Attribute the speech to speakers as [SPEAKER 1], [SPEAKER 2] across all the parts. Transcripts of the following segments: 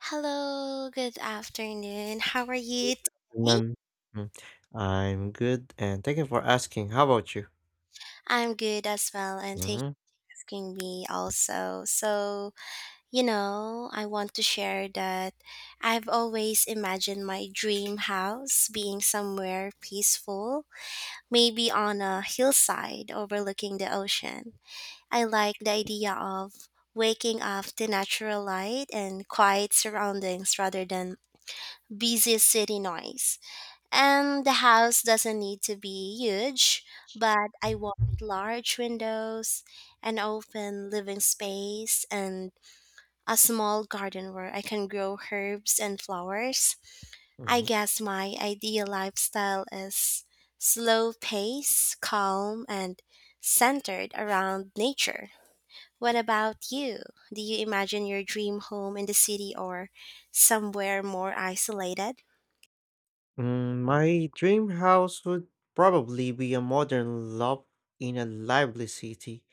[SPEAKER 1] Hello, good afternoon. How are you
[SPEAKER 2] Good
[SPEAKER 1] today?
[SPEAKER 2] afternoon. Mm, I'm good, and thank you for asking. How about you?
[SPEAKER 1] I'm good as well, and thanks
[SPEAKER 2] hmm
[SPEAKER 1] for asking me also. I want to share that I've always imagined my dream house being somewhere peaceful, maybe on a hillside overlooking the ocean. I like the idea of waking up to natural light and quiet surroundings rather than busy city noise. And the house doesn't need to be huge, but I want large windows, an open living space, and a small garden where I can grow herbs and flowers. I
[SPEAKER 2] hmm
[SPEAKER 1] guess my ideal lifestyle is slow pace, calm, and centered around nature. What about you? Do you imagine your dream home in the city or somewhere more isolated?
[SPEAKER 2] Mm, my dream house would probably be a modern loft in a lively city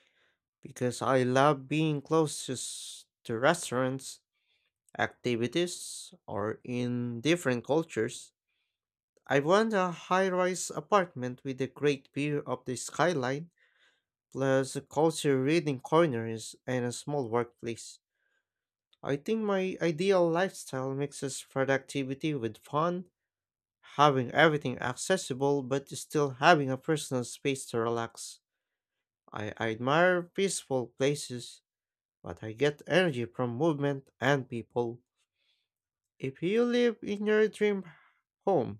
[SPEAKER 2] because I love being close to, to restaurants, activities, or in different cultures. I want a high rise apartment with a great view of the skyline, plus a cozy reading corners and a small workplace. I think my ideal lifestyle mixes productivity with fun, having everything accessible but still having a personal space to relax. I admire peaceful places, but I get energy from movement and people. If you live in your dream home,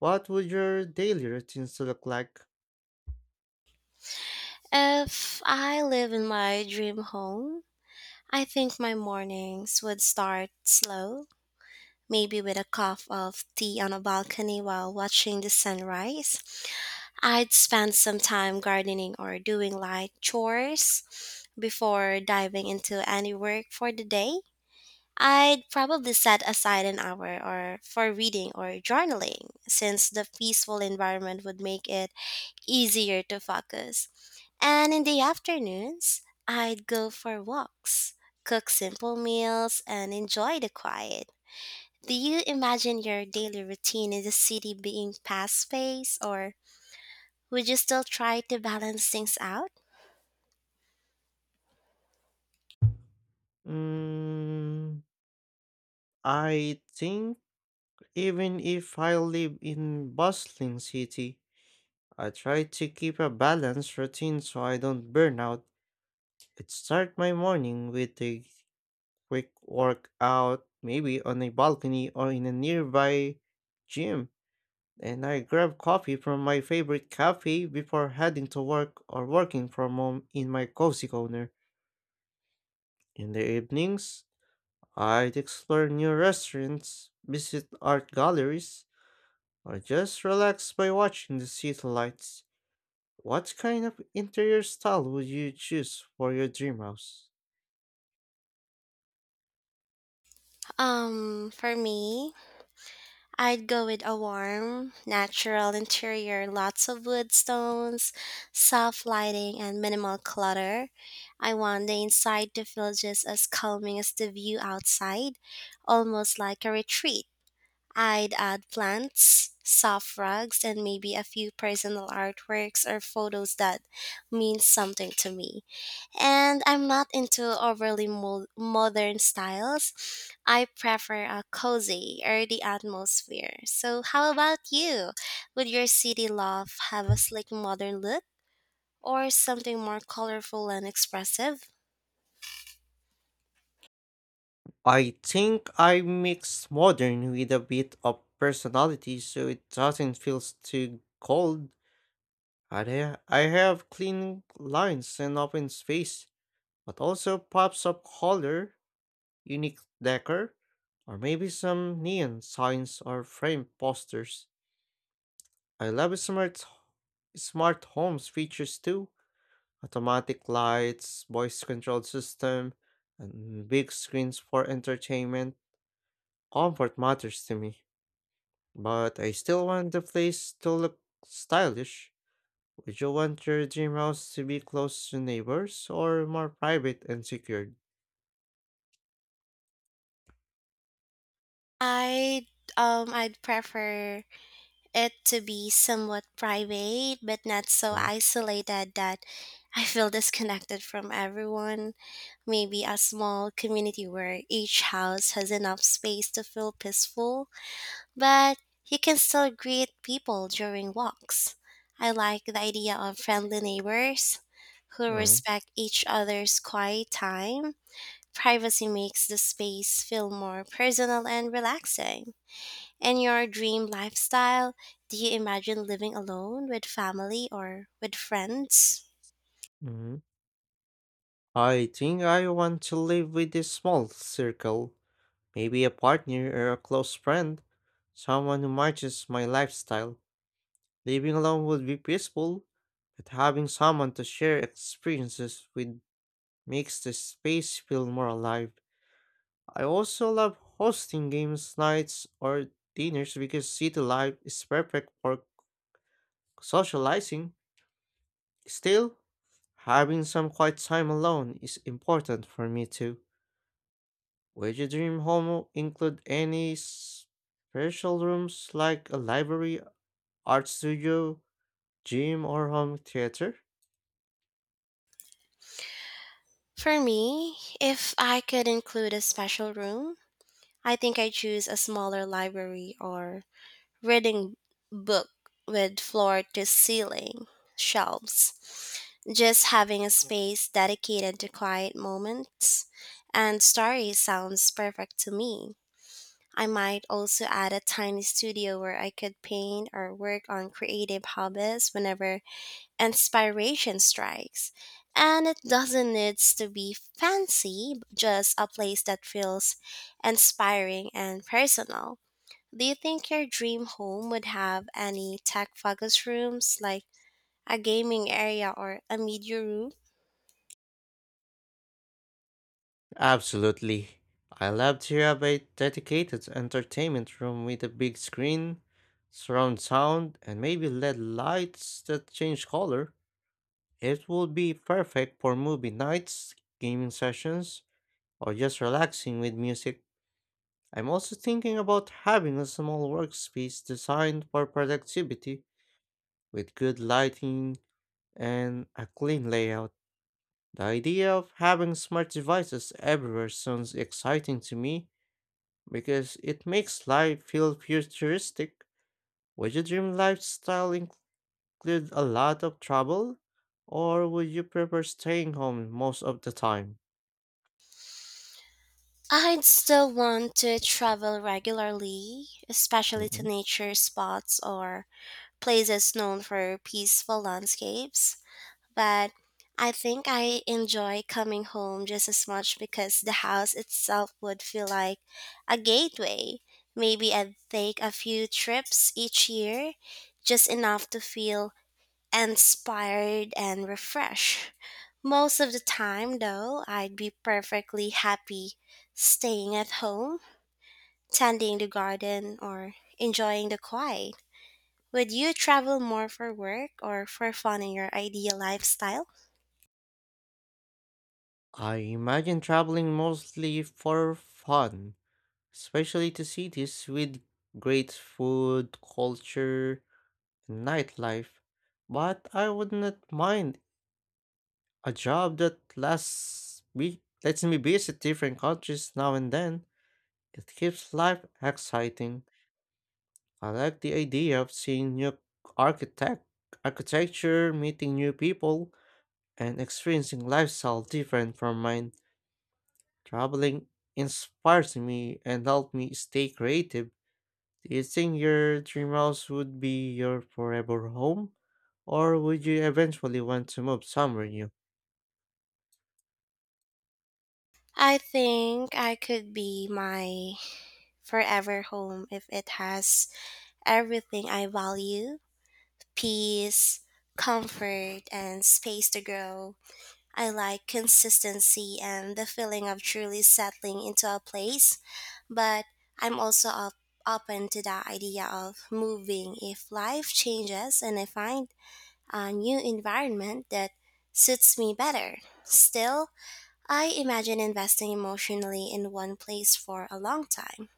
[SPEAKER 2] what would your daily routines look like?
[SPEAKER 1] If I live in my dream home, I think my mornings would start slow, maybe with a cup of tea on a balcony while watching the sunrise. I'd spend some time gardening or doing light chores before diving into any work for the day. I'd probably set aside an hour or for reading or journaling since the peaceful environment would make it easier to focus. And in the afternoons, I'd go for walks, cook simple meals, and enjoy the quiet. Do you imagine your daily routine in the city being fast paced, or would you still try to balance things out?
[SPEAKER 2] Mm, I think even if I live in bustling city, I try to keep a balanced routine so I don't burn out. I start my morning with a quick workout, maybe on a balcony or in a nearby gym, and I grab coffee from my favorite cafe before heading to work or working from home in my cozy corner. In the evenings, I'd explore new restaurants, visit art galleries, or just relax by watching the city lights. What kind of interior style would you choose for your dream house?
[SPEAKER 1] For me, I'd go with a warm, natural interior, lots of wood stones, soft lighting, and minimal clutter. I want the inside to feel just as calming as the view outside, almost like a retreat. I'd add plants, soft rugs, and maybe a few personal artworks or photos that mean something to me. And I'm not into overly modern styles. I prefer a cozy, earthy atmosphere. So, how about you? Would your city loft have a sleek modern look or something more colorful and expressive?
[SPEAKER 2] I think I mix modern with a bit of personality so it doesn't feel too cold. I have clean lines and open space, but also pops of color, unique decor, or maybe some neon signs or frame posters. I love smart homes features too, automatic lights, voice-controlled system, and big screens for entertainment. Comfort matters to me, but I still want the place to look stylish. Would you want your dream house to be close to neighbors or more private and secured?
[SPEAKER 1] I I'd prefer it to be somewhat private, but not so
[SPEAKER 2] Mm.
[SPEAKER 1] isolated that I feel disconnected from everyone. Maybe a small community where each house has enough space to feel peaceful, but you can still greet people during walks. I like the idea of friendly neighbors who
[SPEAKER 2] mm,
[SPEAKER 1] respect each other's quiet time. Privacy makes the space feel more personal and relaxing. In your dream lifestyle, do you imagine living alone with family or with friends?
[SPEAKER 2] mm. I think I want to live with a small circle, maybe a partner or a close friend, someone who matches my lifestyle. Living alone would be peaceful, but having someone to share experiences with makes the space feel more alive. I also love hosting games nights or dinners because city life is perfect for socializing. Still, having some quiet time alone is important for me too. Would your dream home include any special rooms like a library, art studio, gym, or home theater?
[SPEAKER 1] For me, if I could include a special room, I think I choose a smaller library or reading book with floor to ceiling shelves. Just having a space dedicated to quiet moments and stories sounds perfect to me. I might also add a tiny studio where I could paint or work on creative hobbies whenever inspiration strikes. And it doesn't need to be fancy, just a place that feels inspiring and personal. Do you think your dream home would have any tech focused rooms like a gaming area or a media room?
[SPEAKER 2] Absolutely. I love to have a dedicated entertainment room with a big screen, surround sound, and maybe LED lights that change color. It would be perfect for movie nights, gaming sessions, or just relaxing with music. I'm also thinking about having a small workspace designed for productivity with good lighting and a clean layout. The idea of having smart devices everywhere sounds exciting to me because it makes life feel futuristic. Would your dream lifestyle include a lot of travel, or would you prefer staying home most of the time?
[SPEAKER 1] I'd still want to travel regularly, especially to
[SPEAKER 2] Mhm.
[SPEAKER 1] nature spots or places known for peaceful landscapes, but I think I enjoy coming home just as much because the house itself would feel like a gateway. Maybe I'd take a few trips each year, just enough to feel inspired and refreshed. Most of the time, though, I'd be perfectly happy staying at home, tending the garden, or enjoying the quiet. Would you travel more for work or for fun in your ideal lifestyle?
[SPEAKER 2] I imagine traveling mostly for fun, especially to cities with great food, culture, and nightlife. But I would not mind a job that lasts me lets me visit different countries now and then. It keeps life exciting. I like the idea of seeing new architect architecture, meeting new people, and experiencing lifestyle different from mine. Traveling inspires me and helps me stay creative. Do you think your dream house would be your forever home? Or would you eventually want to move somewhere new?
[SPEAKER 1] I think I could be my forever home if it has everything I value peace, comfort, and space to grow. I like consistency and the feeling of truly settling into a place, but I'm also up, open to the idea of moving if life changes and I find a new environment that suits me better. Still, I imagine investing emotionally in one place for a long time.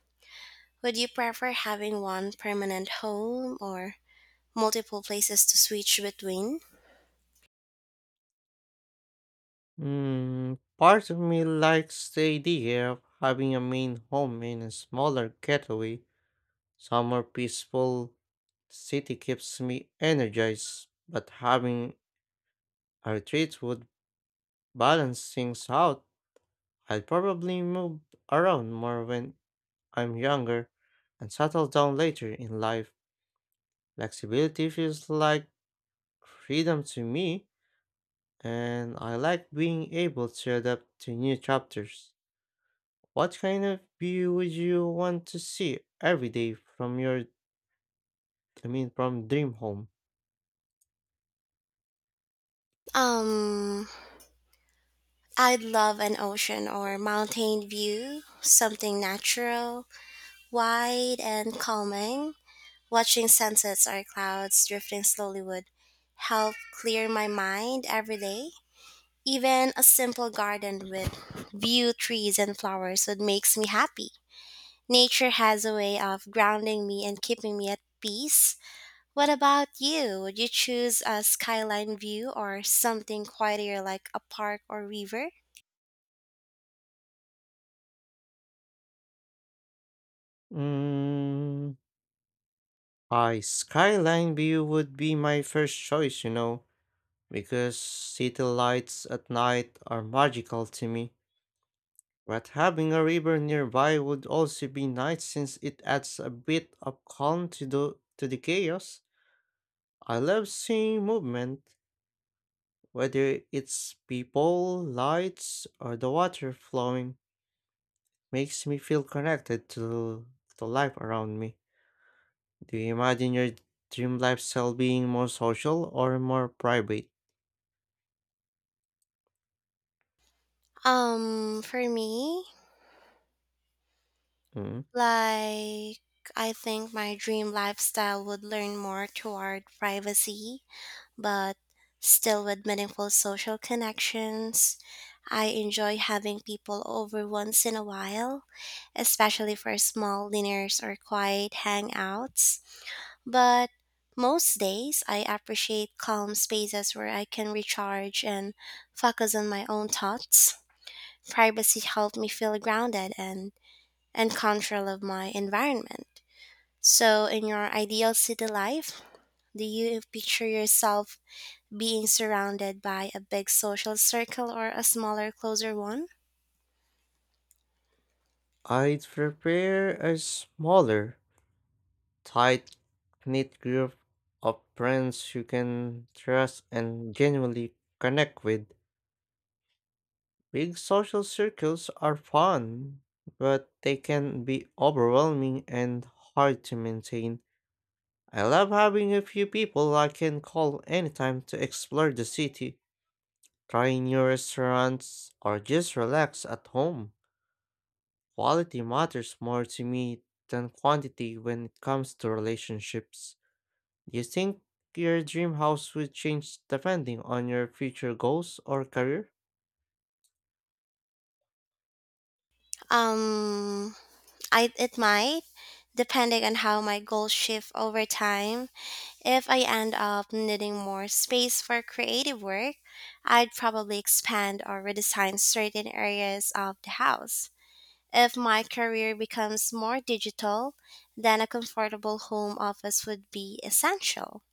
[SPEAKER 1] Would you prefer having one permanent home or multiple places to switch between?
[SPEAKER 2] Part of me likes the idea of having a main home in a smaller getaway. Summer peaceful city keeps me energized, but having a retreat would balance things out. I'll probably move around more when I'm younger and settle down later in life. Flexibility feels like freedom to me, and I like being able to adapt to new chapters. What kind of view would you want to see every day from your, I mean, from dream home?
[SPEAKER 1] Um, I'd love an ocean or mountain view, something natural, wide, and calming. Watching sunsets or clouds drifting slowly would help clear my mind every day. Even a simple garden with view trees and flowers would makes me happy. Nature has a way of grounding me and keeping me at peace. What about you? Would you choose a skyline view or something quieter like a park or river?
[SPEAKER 2] Mm, A skyline view would be my first choice, you know, because city lights at night are magical to me. But having a river nearby would also be nice since it adds a bit of calm to the chaos. I love seeing movement, whether it's people, lights, or the water flowing, makes me feel connected to the life around me. Do you imagine your dream lifestyle being more social or more private?
[SPEAKER 1] For me,
[SPEAKER 2] Mm.
[SPEAKER 1] like I think my dream lifestyle would learn more toward privacy but still with meaningful social connections. I enjoy having people over once in a while, especially for small dinners or quiet hangouts. But most days, I appreciate calm spaces where I can recharge and focus on my own thoughts. Privacy helped me feel grounded and control of my environment. So, in your ideal city life, do you picture yourself being surrounded by a big social circle or a smaller, closer one?
[SPEAKER 2] I'd prepare a smaller, tight knit group of friends who can trust and genuinely connect with. Big social circles are fun, but they can be overwhelming and hard to maintain. I love having a few people I can call anytime to explore the city, try new restaurants, or just relax at home. Quality matters more to me than quantity when it comes to relationships. Do you think your dream house would change depending on your future goals or career?
[SPEAKER 1] Um, I it might, depending on how my goals shift over time. If I end up needing more space for creative work, I'd probably expand or redesign certain areas of the house. If my career becomes more digital, then a comfortable home office would be essential.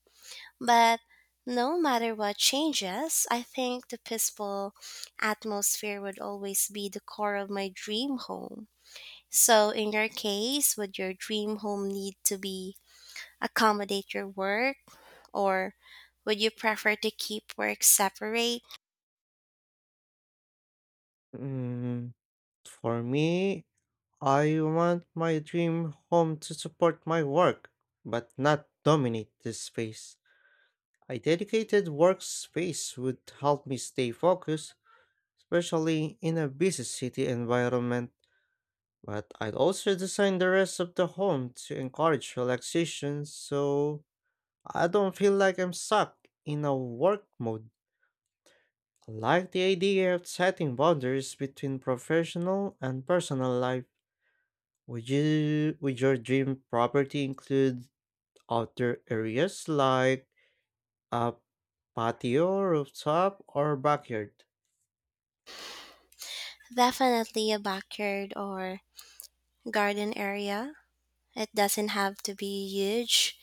[SPEAKER 1] But no matter what changes, I think the peaceful atmosphere would always be the core of my dream home. So, in your case, would your dream home need to be accommodate your work or would you prefer to keep work separate?
[SPEAKER 2] Mm, for me, I want my dream home to support my work, but not dominate this space. A dedicated workspace would help me stay focused, especially in a busy city environment. But I'd also design the rest of the home to encourage relaxation so I don't feel like I'm stuck in a work mode. I like the idea of setting boundaries between professional and personal life. Would your dream property include outdoor areas like a patio, rooftop, or backyard?
[SPEAKER 1] Definitely a backyard or garden area. It doesn't have to be huge,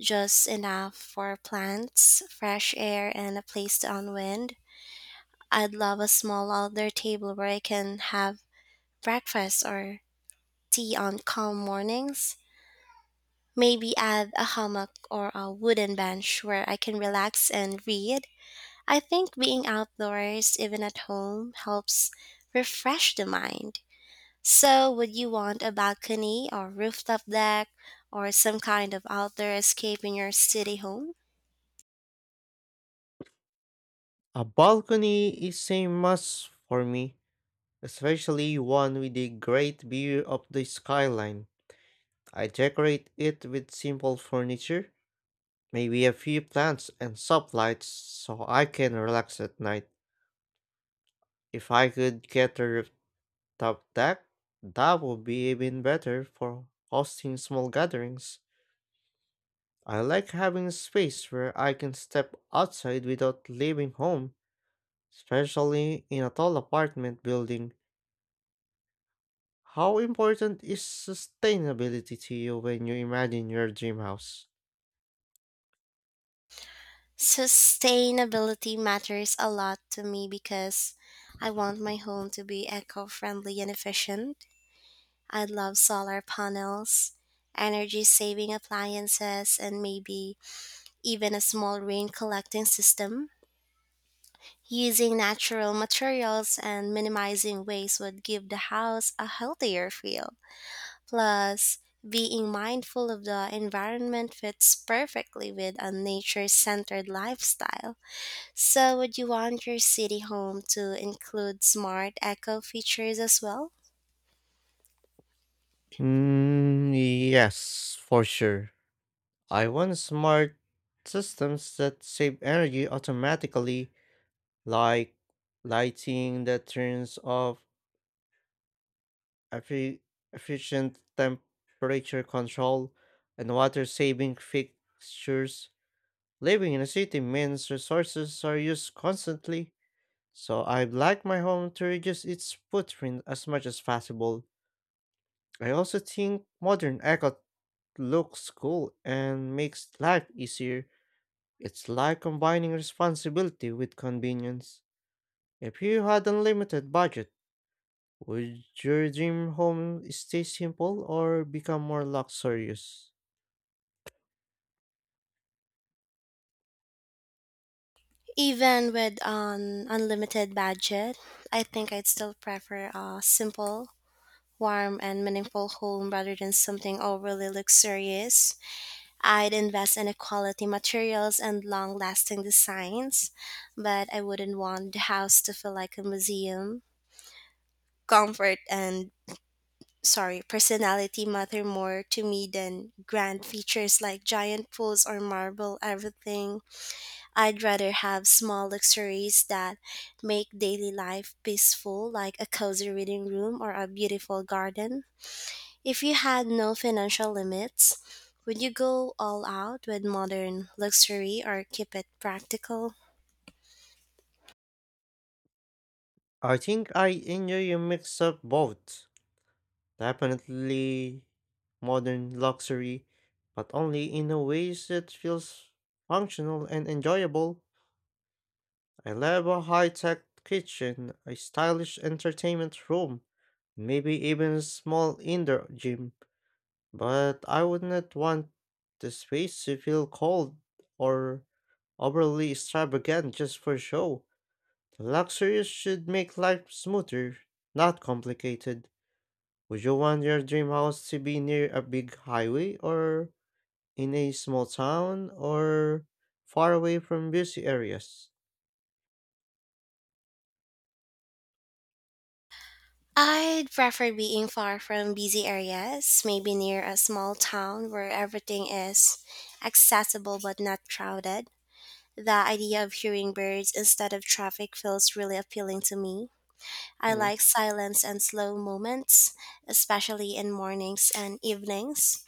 [SPEAKER 1] just enough for plants, fresh air, and a place to unwind. I'd love a small outdoor table where I can have breakfast or tea on calm mornings. Maybe add a hammock or a wooden bench where I can relax and read. I think being outdoors, even at home, helps refresh the mind. So, would you want a balcony or rooftop deck or some kind of outdoor escape in your city home?
[SPEAKER 2] A balcony is a must for me, especially one with a great view of the skyline. I decorate it with simple furniture, maybe a few plants and soft lights so I can relax at night. If I could get a rooftop deck, that would be even better for hosting small gatherings. I like having a space where I can step outside without leaving home, especially in a tall apartment building. How important is sustainability to you when you imagine your dream house?
[SPEAKER 1] Sustainability matters a lot to me because I want my home to be eco friendly and efficient. I love solar panels, energy saving appliances, and maybe even a small rain collecting system. Using natural materials and minimizing waste would give the house a healthier feel. Plus, being mindful of the environment fits perfectly with a nature centered lifestyle. So, would you want your city home to include smart echo features as well?
[SPEAKER 2] Mm, yes, for sure. I want smart systems that save energy automatically, like lighting that turns off, effi- efficient temperature control, and water saving fixtures. Living in a city means resources are used constantly, so I'd like my home to reduce its footprint as much as possible. I also think modern eco looks cool and makes life easier. It's like combining responsibility with convenience. If you had unlimited budget, would your dream home stay simple or become more luxurious?
[SPEAKER 1] Even with an unlimited budget, I think I'd still prefer a simple, warm, and meaningful home rather than something overly luxurious. I'd invest in quality materials and long lasting designs, but I wouldn't want the house to feel like a museum. Comfort and sorry, personality matter more to me than grand features like giant pools or marble everything. I'd rather have small luxuries that make daily life peaceful, like a cozy reading room or a beautiful garden. If you had no financial limits, would you go all out with modern luxury or keep it practical?
[SPEAKER 2] I think I enjoy a mix of both. Definitely modern luxury, but only in a way that feels functional and enjoyable. I love a high tech kitchen, a stylish entertainment room, maybe even a small indoor gym. But I would not want the space to feel cold or overly extravagant just for show. The luxuries should make life smoother, not complicated. Would you want your dream house to be near a big highway or in a small town or far away from busy areas?
[SPEAKER 1] I'd prefer being far from busy areas, maybe near a small town where everything is accessible but not crowded. The idea of hearing birds instead of traffic feels really appealing to me. I
[SPEAKER 2] Mm.
[SPEAKER 1] like silence and slow moments, especially in mornings and evenings.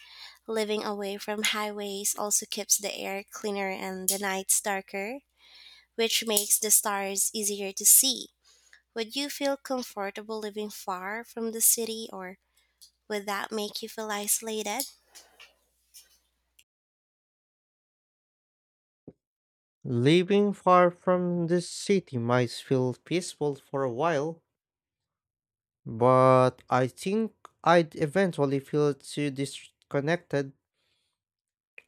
[SPEAKER 1] Living away from highways also keeps the air cleaner and the nights darker, which makes the stars easier to see. Would you feel comfortable living far from the city or would that make you feel isolated?
[SPEAKER 2] Living far from the city might feel peaceful for a while, but I think I'd eventually feel too disconnected.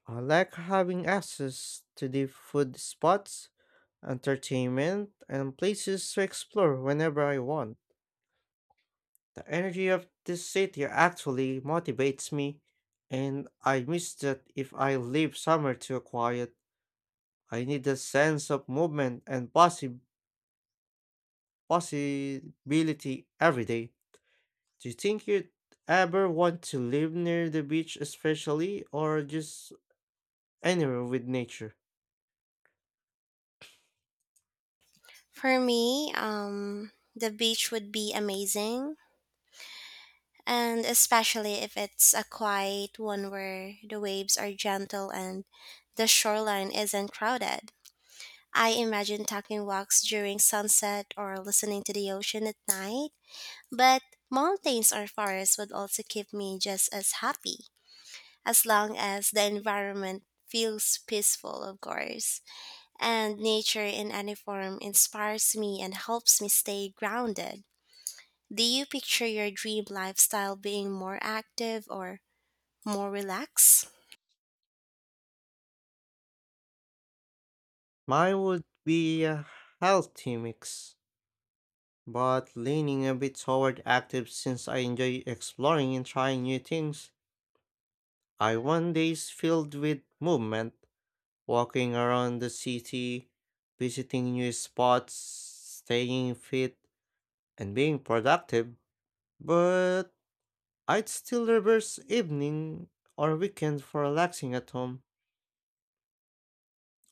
[SPEAKER 2] I like having access to the food spots, entertainment, and places to explore whenever I want. The energy of this city actually motivates me, and I miss that if I live somewhere too quiet. I need a sense of movement and possibility every day. Do you think you'd ever want to live near the beach, especially, or just anywhere with nature?
[SPEAKER 1] For me, the beach would be amazing, and especially if it's a quiet one where the waves are gentle and the shoreline isn't crowded. I imagine taking walks during sunset or listening to the ocean at night, but mountains or forests would also keep me just as happy, as long as the environment feels peaceful, of course. And nature in any form inspires me and helps me stay grounded. Do you picture your dream lifestyle being more active or more relaxed?
[SPEAKER 2] Mine would be a healthy mix, but leaning a bit toward active since I enjoy exploring and trying new things. I want days filled with movement, walking around the city, visiting new spots, staying fit, and being productive. But I'd still reverse evening or weekend for relaxing at home,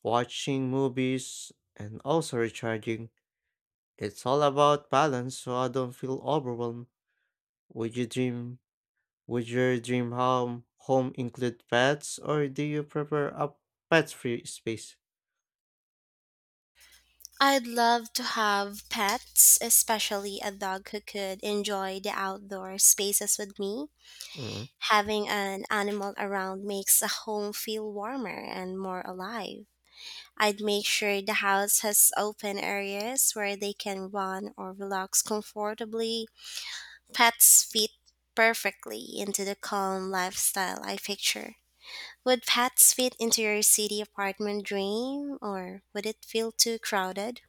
[SPEAKER 2] watching movies, and also recharging. It's all about balance so I don't feel overwhelmed. Would you dream would your dream home include pets or do you prefer a pet free space?
[SPEAKER 1] I'd love to have pets, especially a dog who could enjoy the outdoor spaces with me.
[SPEAKER 2] Mm.
[SPEAKER 1] Having an animal around makes a home feel warmer and more alive. I'd make sure the house has open areas where they can run or relax comfortably. Pets fit perfectly into the calm lifestyle I picture. Would pets fit into your city apartment dream or would it feel too crowded?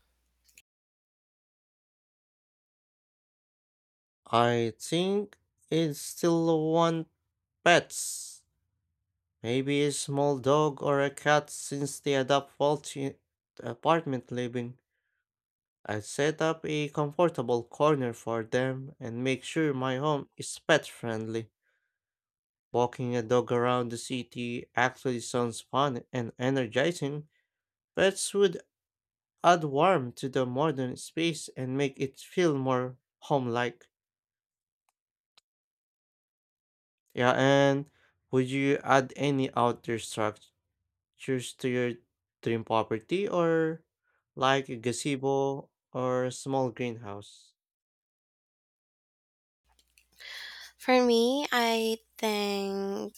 [SPEAKER 2] I think it's still want pets. Maybe a small dog or a cat since they adapt well to apartment living. I set up a comfortable corner for them and make sure my home is pet friendly. Walking a dog around the city actually sounds fun and energizing. Pets would add warmth to the modern space and make it feel more home like. Yeah, and would you add any outdoor structures to your dream property or like a gazebo or a small greenhouse?
[SPEAKER 1] For me, I think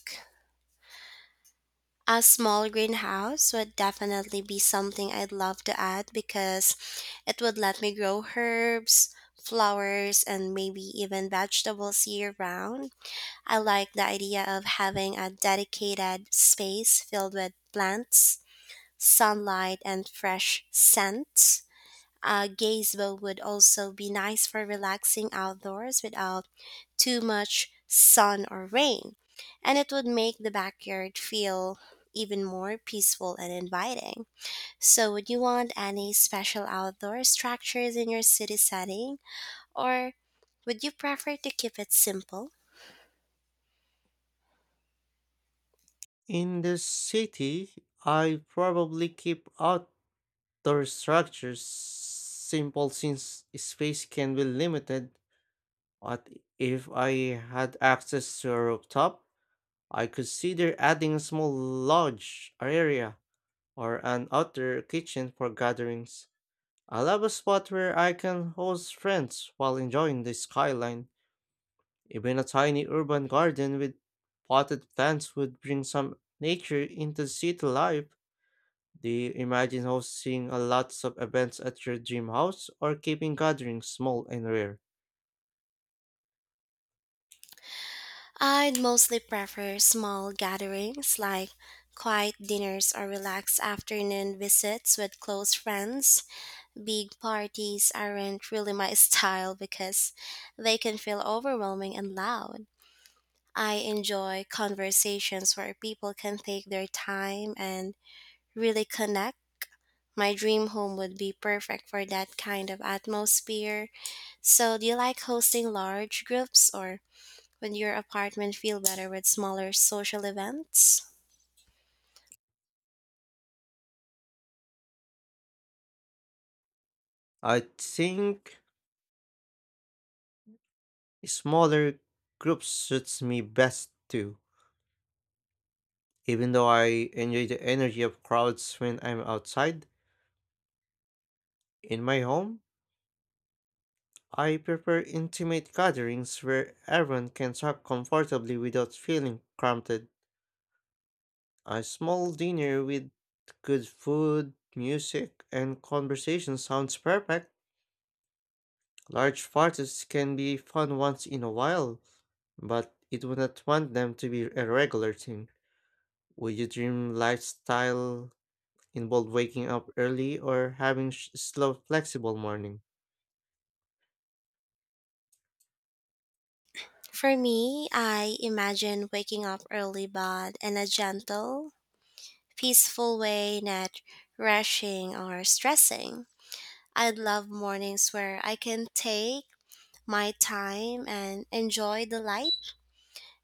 [SPEAKER 1] a small greenhouse would definitely be something I'd love to add because it would let me grow herbs, flowers, and maybe even vegetables year round. I like the idea of having a dedicated space filled with plants, sunlight, and fresh scents. A gazebo would also be nice for relaxing outdoors without too much sun or rain, and it would make the backyard feel even more peaceful and inviting. So, would you want any special outdoor structures in your city setting, or would you prefer to keep it simple?
[SPEAKER 2] In the city, I probably keep outdoor structures simple since space can be limited. But if I had access to a rooftop, I consider adding a small lodge area or an outdoor kitchen for gatherings. I love a spot where I can host friends while enjoying the skyline. Even a tiny urban garden with potted plants would bring some nature into city life. Do you imagine hosting a lots of events at your dream house or keeping gatherings small and rare?
[SPEAKER 1] I'd mostly prefer small gatherings like quiet dinners or relaxed afternoon visits with close friends. Big parties aren't really my style because they can feel overwhelming and loud. I enjoy conversations where people can take their time and really connect. My dream home would be perfect for that kind of atmosphere. So, do you like hosting large groups or would your apartment feel better with smaller social events?
[SPEAKER 2] I think smaller groups suits me best too. Even though I enjoy the energy of crowds when I'm outside, in my home, I prefer intimate gatherings where everyone can talk comfortably without feeling cramped. A small dinner with good food, music, and conversation sounds perfect. Large parties can be fun once in a while, but it would not want them to be a regular thing. Would your dream lifestyle involve waking up early or having slow, flexible morning?
[SPEAKER 1] For me, I imagine waking up early but in a gentle, peaceful way, not rushing or stressing. I'd love mornings where I can take my time and enjoy the light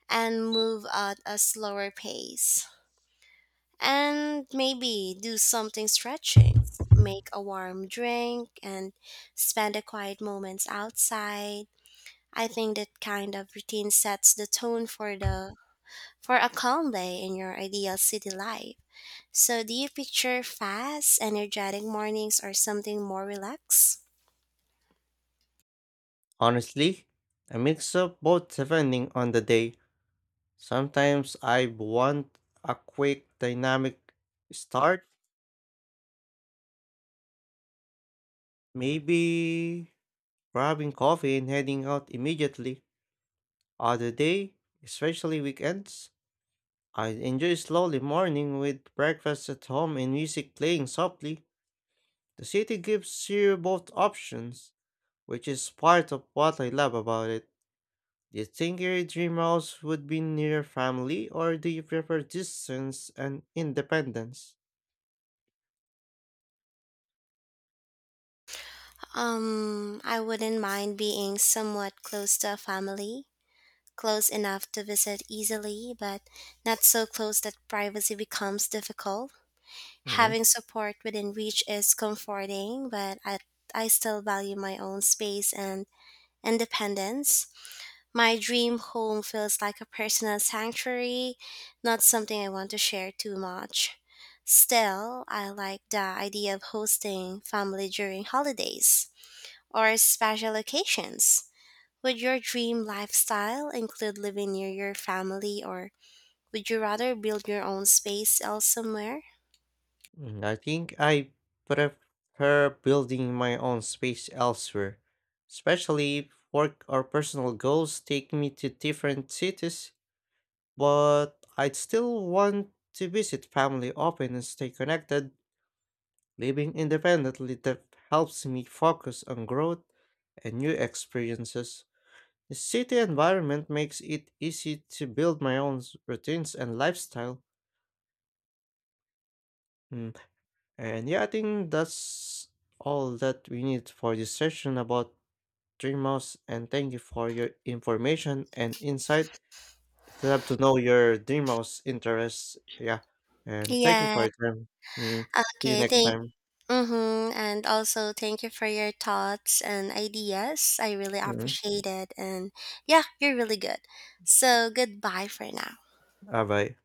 [SPEAKER 1] and move at a slower pace. And maybe do something stretching, make a warm drink, and spend a quiet moments outside. I think that kind of routine sets the tone for the for a calm day in your ideal city life. So, do you picture fast, energetic mornings or something more relaxed?
[SPEAKER 2] Honestly, a mix of both depending on the day. Sometimes I want a quick, dynamic start, maybe grabbing coffee and heading out immediately. Other day, especially weekends, I enjoy slowly morning with breakfast at home and music playing softly. The city gives you both options, which is part of what I love about it. Do you think your dream house would be near family, or do you prefer distance and independence?
[SPEAKER 1] I wouldn't mind being somewhat close to a family, close enough to visit easily, but not so close that privacy becomes difficult.
[SPEAKER 2] Mhm.
[SPEAKER 1] Having support within reach is comforting, but I still value my own space and independence. My dream home feels like a personal sanctuary, not something I want to share too much. Still, I like the idea of hosting family during holidays or special occasions. Would your dream lifestyle include living near your family, or would you rather build your own space elsewhere?
[SPEAKER 2] I think I prefer building my own space elsewhere, especially if work or personal goals take me to different cities. But I'd still want to visit family often and stay connected. Living independently that helps me focus on growth and new experiences. The city environment makes it easy to build my own routines and lifestyle. Mm, And yeah, I think that's all that we need for this session about Dreamhouse, and thank you for your information and insight. It's up to know your demos, interests. Yeah. And thank you for
[SPEAKER 1] Yeah.
[SPEAKER 2] your time. Mm. See you
[SPEAKER 1] Okay.
[SPEAKER 2] next
[SPEAKER 1] Thank.
[SPEAKER 2] time.
[SPEAKER 1] Mm-hmm. And also, thank you for your thoughts and ideas. I really
[SPEAKER 2] Mm.
[SPEAKER 1] appreciate it. And yeah, you're really good. So, goodbye for now.
[SPEAKER 2] Bye bye.